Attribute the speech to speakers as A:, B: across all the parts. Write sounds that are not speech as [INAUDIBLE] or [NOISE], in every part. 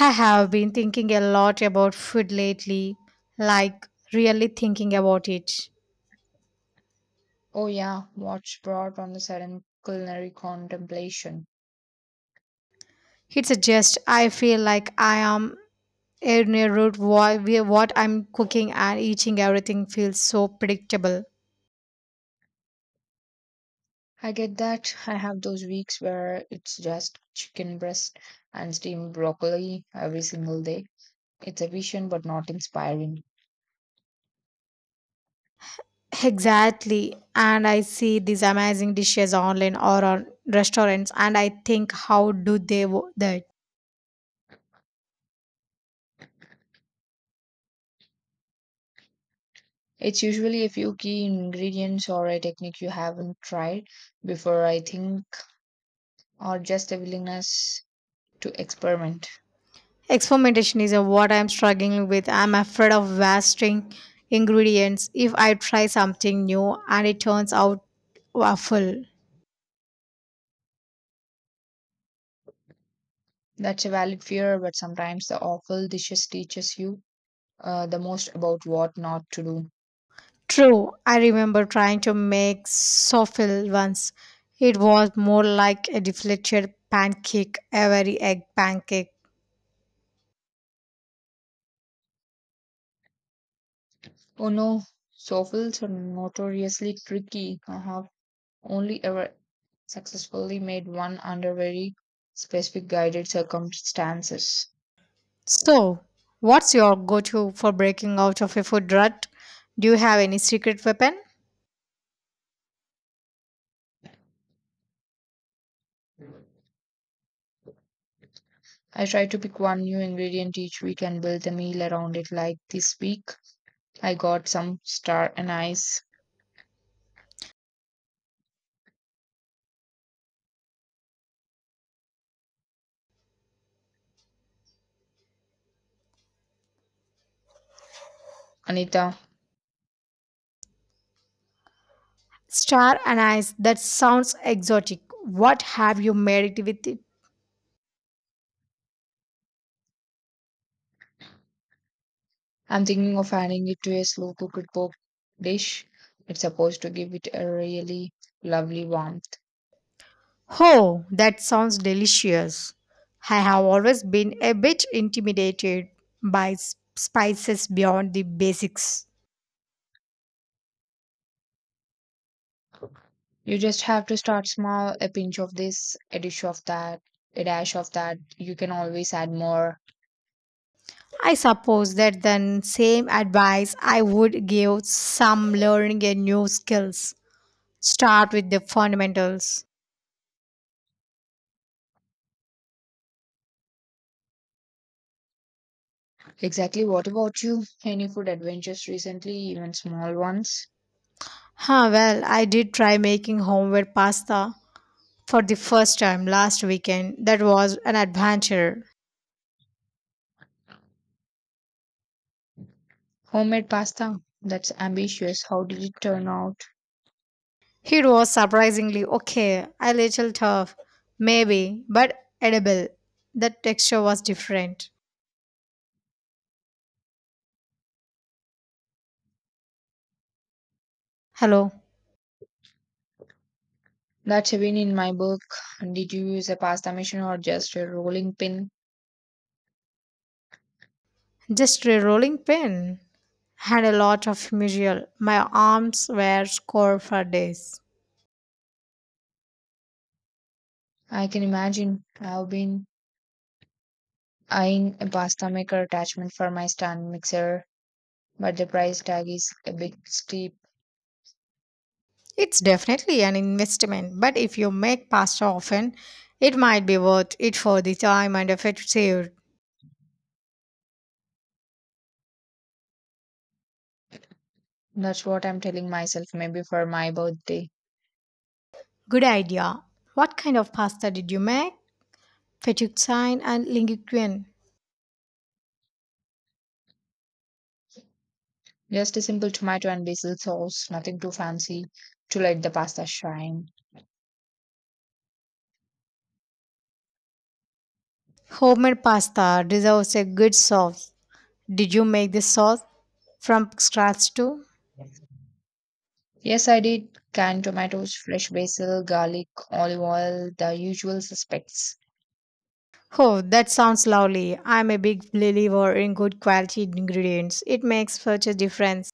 A: I have been thinking a lot about food lately, like really thinking about it.
B: Oh, yeah, what's brought on a sudden culinary contemplation.
A: It's just I feel like I am in a route where what I'm cooking and eating everything feels so predictable.
B: I get that. I have those weeks where it's just chicken breast and steamed broccoli every single day. It's efficient but not inspiring.
A: Exactly. And I see these amazing dishes online or on restaurants and I think how do they that?
B: It's usually a few key ingredients or a technique you haven't tried before, I think, or just a willingness to experiment.
A: Experimentation is what I'm struggling with. I'm afraid of wasting ingredients if I try something new and it turns out awful.
B: That's a valid fear, but sometimes the awful dishes teaches you the most about what not to do.
A: True, I remember trying to make souffle once. It was more like a deflated pancake, a very egg pancake.
B: Oh no, shovels are notoriously tricky. I have only ever successfully made one under very specific guided circumstances.
A: So, what's your go to for breaking out of a food rut? Do you have any secret weapon?
B: I try to pick one new ingredient each week and build the meal around it. Like this week, I got some star anise. Anita,
A: Star anise, that sounds exotic. What have you made it with it?
B: I'm thinking of adding it to a slow cooked pork dish. It's supposed to give it a really lovely warmth.
A: Oh, that sounds delicious. I have always been a bit intimidated by spices beyond the basics.
B: You just have to start small, a pinch of this, a dish of that, a dash of that. You can always add more.
A: I suppose that the same advice I would give some learning a new skills. Start with the fundamentals.
B: Exactly. What about you? Any food adventures recently, even small ones?
A: Huh, well, I did try making homemade pasta for the first time last weekend. That was an adventure.
B: Homemade pasta. That's ambitious. How did it turn out?
A: It was surprisingly okay, a little tough, maybe, but edible. The texture was different. Hello,
B: That's a win in my book. Did you use a pasta machine or just a rolling pin?
A: just a rolling pin. Had a lot of mutual. My arms were sore for days.
B: I can imagine. I've been eyeing a pasta maker attachment for my stand mixer, but the price tag is a bit steep.
A: It's definitely an investment, but if you make pasta often, it might be worth it for the time and effort saved.
B: That's what I'm telling myself, maybe for my birthday.
A: Good idea. What kind of pasta did you make? Fettuccine and linguine.
B: Just a simple tomato and basil sauce, nothing too fancy to let the pasta shine.
A: Homemade pasta deserves a good sauce. Did you make this sauce from scratch too?
B: Yes, I did. Canned tomatoes, fresh basil, garlic, olive oil, the usual suspects.
A: Oh, that sounds lovely. I'm a big believer in good quality ingredients. It makes such a difference.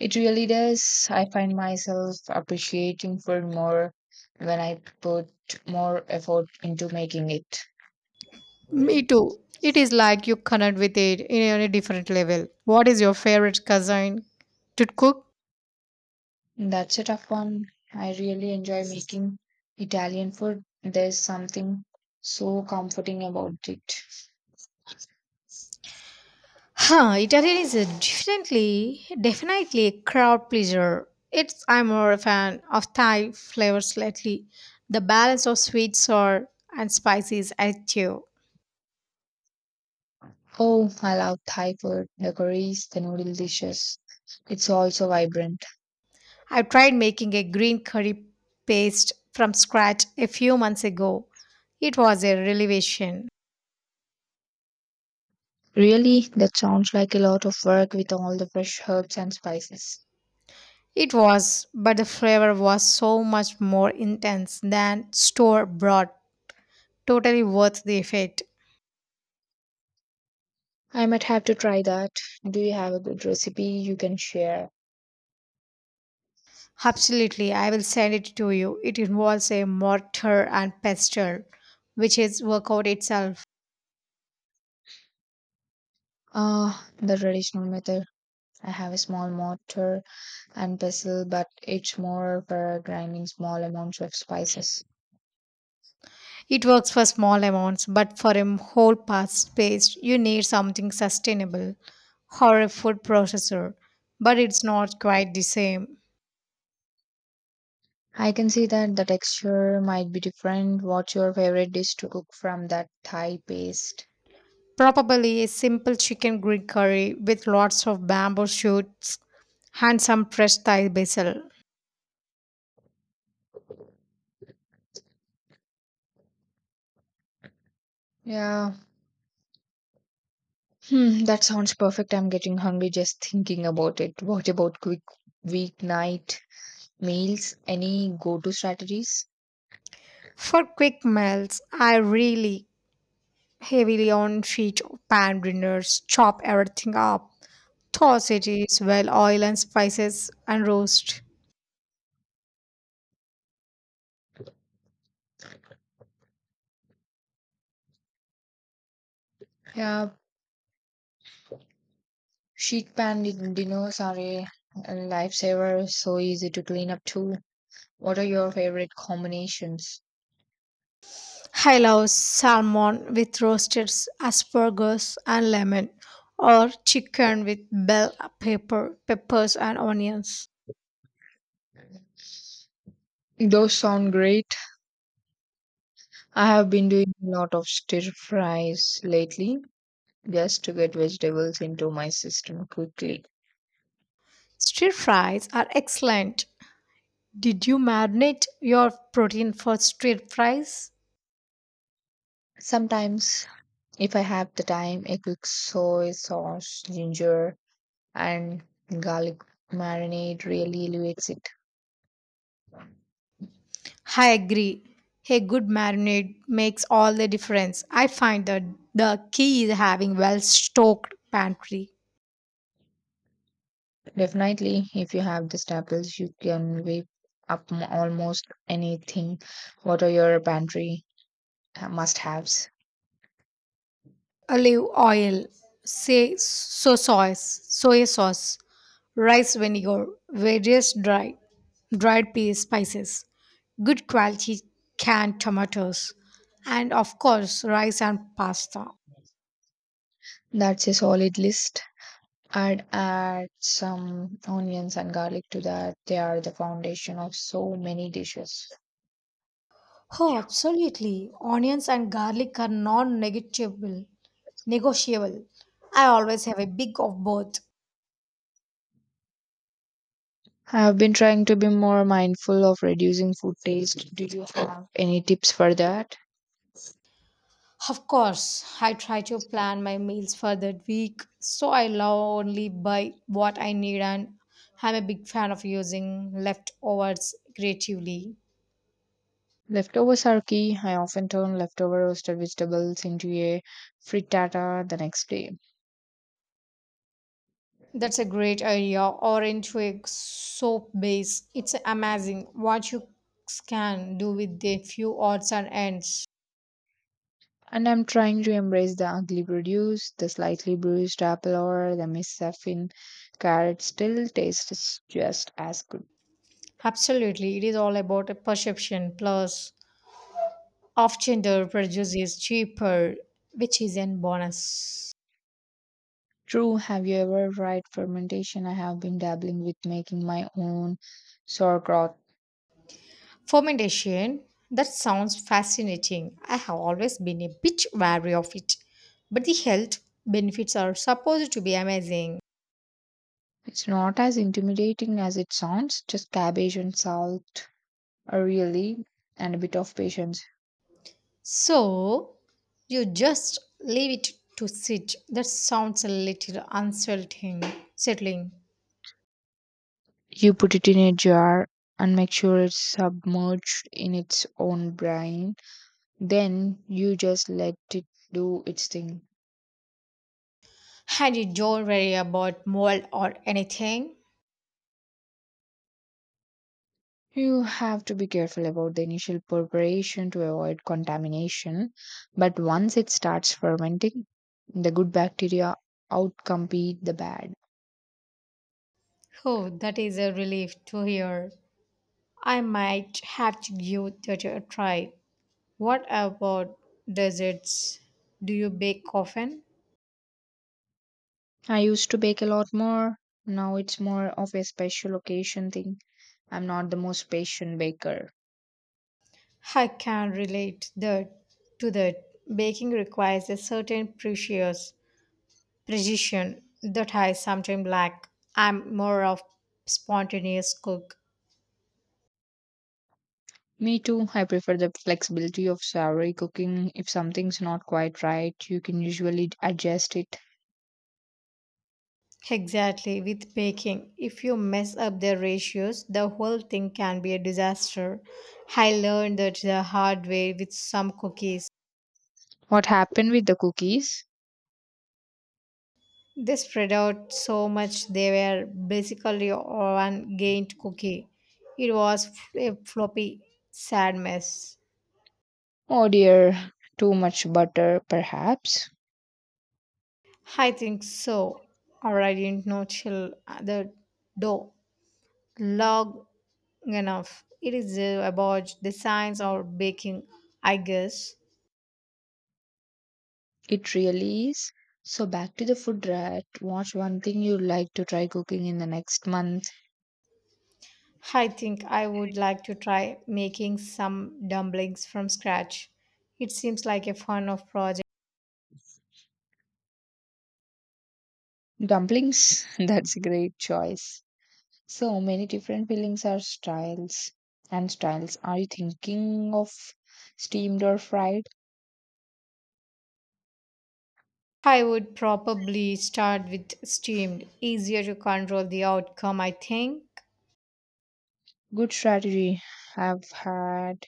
B: It really does. I find myself appreciating food more when I put more effort into making it.
A: Me too. It is like you connect with it in a different level. What is your favorite cuisine to cook?
B: That's a tough one. I really enjoy making Italian food. There's something so comforting about it.
A: Huh, Italian is a definitely a crowd pleaser. It's I'm more a fan of Thai flavors lately. The balance of sweet, sour, and spicy is addictive.
B: Oh, I love Thai food, the curries, the noodle dishes. It's also vibrant.
A: I've tried making a green curry paste from scratch a few months ago. It was a revelation.
B: Really, that sounds like a lot of work with all the fresh herbs and spices.
A: It was, but the flavor was so much more intense than store bought. Totally worth the effort.
B: I might have to try that. Do you have a good recipe you can share?
A: Absolutely, I will send it to you. It involves a mortar and pestle, which is workout itself.
B: Ah, the traditional method. I have a small mortar and pestle, but it's more for grinding small amounts of spices.
A: It works for small amounts, but for a whole past paste, you need something sustainable or a food processor. But it's not quite the same.
B: I can see that the texture might be different. What's your favorite dish to cook from that Thai paste?
A: Probably a simple chicken Greek curry with lots of bamboo shoots and some fresh Thai basil.
B: Yeah, hmm, that sounds perfect. I'm getting hungry just thinking about it. What about quick weeknight meals? Any go-to strategies?
A: For quick meals, I really heavily on sheet pan dinners, chop everything up, toss it is well oil and spices and roast.
B: Yeah, sheet dinners are a lifesaver, so easy to clean up too. What are your favorite combinations?
A: I love salmon with roasted asparagus and lemon, or chicken with bell pepper, peppers and onions.
B: Those sound great. I have been doing a lot of stir fries lately, just to get vegetables into my system quickly.
A: Stir fries are excellent. Did you marinate your protein for stir fries?
B: Sometimes, if I have the time, a quick soy sauce, ginger, and garlic marinade really elevates it.
A: I agree. A good marinade makes all the difference. I find that the key is having well stocked pantry.
B: Definitely, if you have the staples, you can whip almost anything. What are your pantry must haves?
A: Olive oil, soy sauce, rice vinegar, various dried peas, spices, good quality canned tomatoes, and of course rice and pasta.
B: That's a solid list. I'd add some onions and garlic to that. They are the foundation of so many dishes.
A: Oh, absolutely. Onions and garlic are non-negotiable. Negotiable. Negotiable. I always have a big of both.
B: I have been trying to be more mindful of reducing food taste. Do you have any tips for that?
A: Of course, I try to plan my meals for that week, so I love only buy what I need, and I'm a big fan of using leftovers creatively.
B: Leftovers are key. I often turn leftover roasted vegetables into a frittata the next day.
A: That's a great idea. Orange twig soap base. It's amazing what you can do with a few odds and ends.
B: And I'm trying to embrace the ugly produce, the slightly bruised apple or the misshapen carrot still tastes just as good.
A: Absolutely, it is all about a perception. Plus, often the produce is cheaper, which is a bonus.
B: True, have you ever tried fermentation? I have been dabbling with making my own sauerkraut.
A: Fermentation, that sounds fascinating. I have always been a bit wary of it, but the health benefits are supposed to be amazing.
B: It's not as intimidating as it sounds, just cabbage and salt, really, and a bit of patience.
A: So, you just leave it to sit. That sounds a little unsettling. Settling.
B: You put it in a jar and make sure it's submerged in its own brine. Then you just let it do its thing.
A: And you don't worry about mold or anything.
B: You have to be careful about the initial preparation to avoid contamination, but once it starts fermenting, the good bacteria outcompete the bad.
A: Oh, that is a relief to hear. I might have to give that a try. What about desserts? Do you bake often?
B: I used to bake a lot more. Now it's more of a special occasion thing. I'm not the most patient baker.
A: I can relate that to that. Baking requires a certain precious precision that I sometimes lack. I'm more of spontaneous cook.
B: Me too. I prefer the flexibility of savory cooking. If something's not quite right, you can usually adjust it.
A: Exactly, with baking, if you mess up the ratios, the whole thing can be a disaster. I learned that the hard way with some cookies.
B: What happened with the cookies?
A: They spread out so much they were basically one gained cookie. It was a floppy, sad mess.
B: Oh dear, too much butter, perhaps.
A: I think so, or I didn't know till the dough long enough. It is about the science of baking, I guess.
B: It really is. So back to the food rat. What's one thing you'd like to try cooking in the next month?
A: I think I would like to try making some dumplings from scratch. It seems like a fun of project.
B: Dumplings. [LAUGHS] That's a great choice. So many different fillings are styles and styles. Are you thinking of steamed or fried?
A: I would probably start with steamed, easier to control the outcome, I think.
B: Good strategy. I've had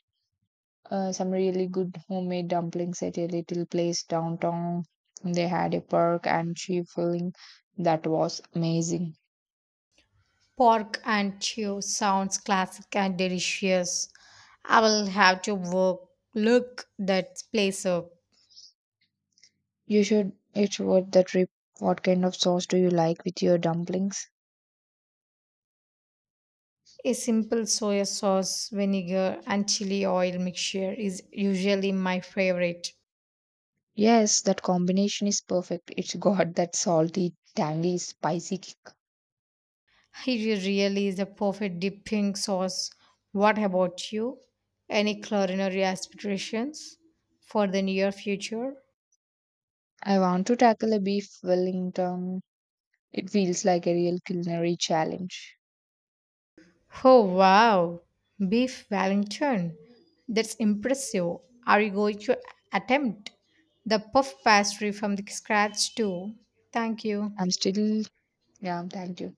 B: some really good homemade dumplings at a little place downtown. They had a pork and cheese filling that was amazing.
A: Pork and chew sounds classic and delicious. I will have to look that place up.
B: You should. It's worth the trip. What kind of sauce do you like with your dumplings?
A: A simple soy sauce, vinegar, and chili oil mixture is usually my favorite.
B: Yes, that combination is perfect. It's got that salty, tangy, spicy kick.
A: It really is a perfect dipping sauce. What about you? Any culinary aspirations for the near future?
B: I want to tackle a beef Wellington. It feels like a real culinary challenge.
A: Oh wow, beef Wellington. That's impressive. Are you going to attempt the puff pastry from the scratch too? Thank you.
B: I'm still, yeah, thank you.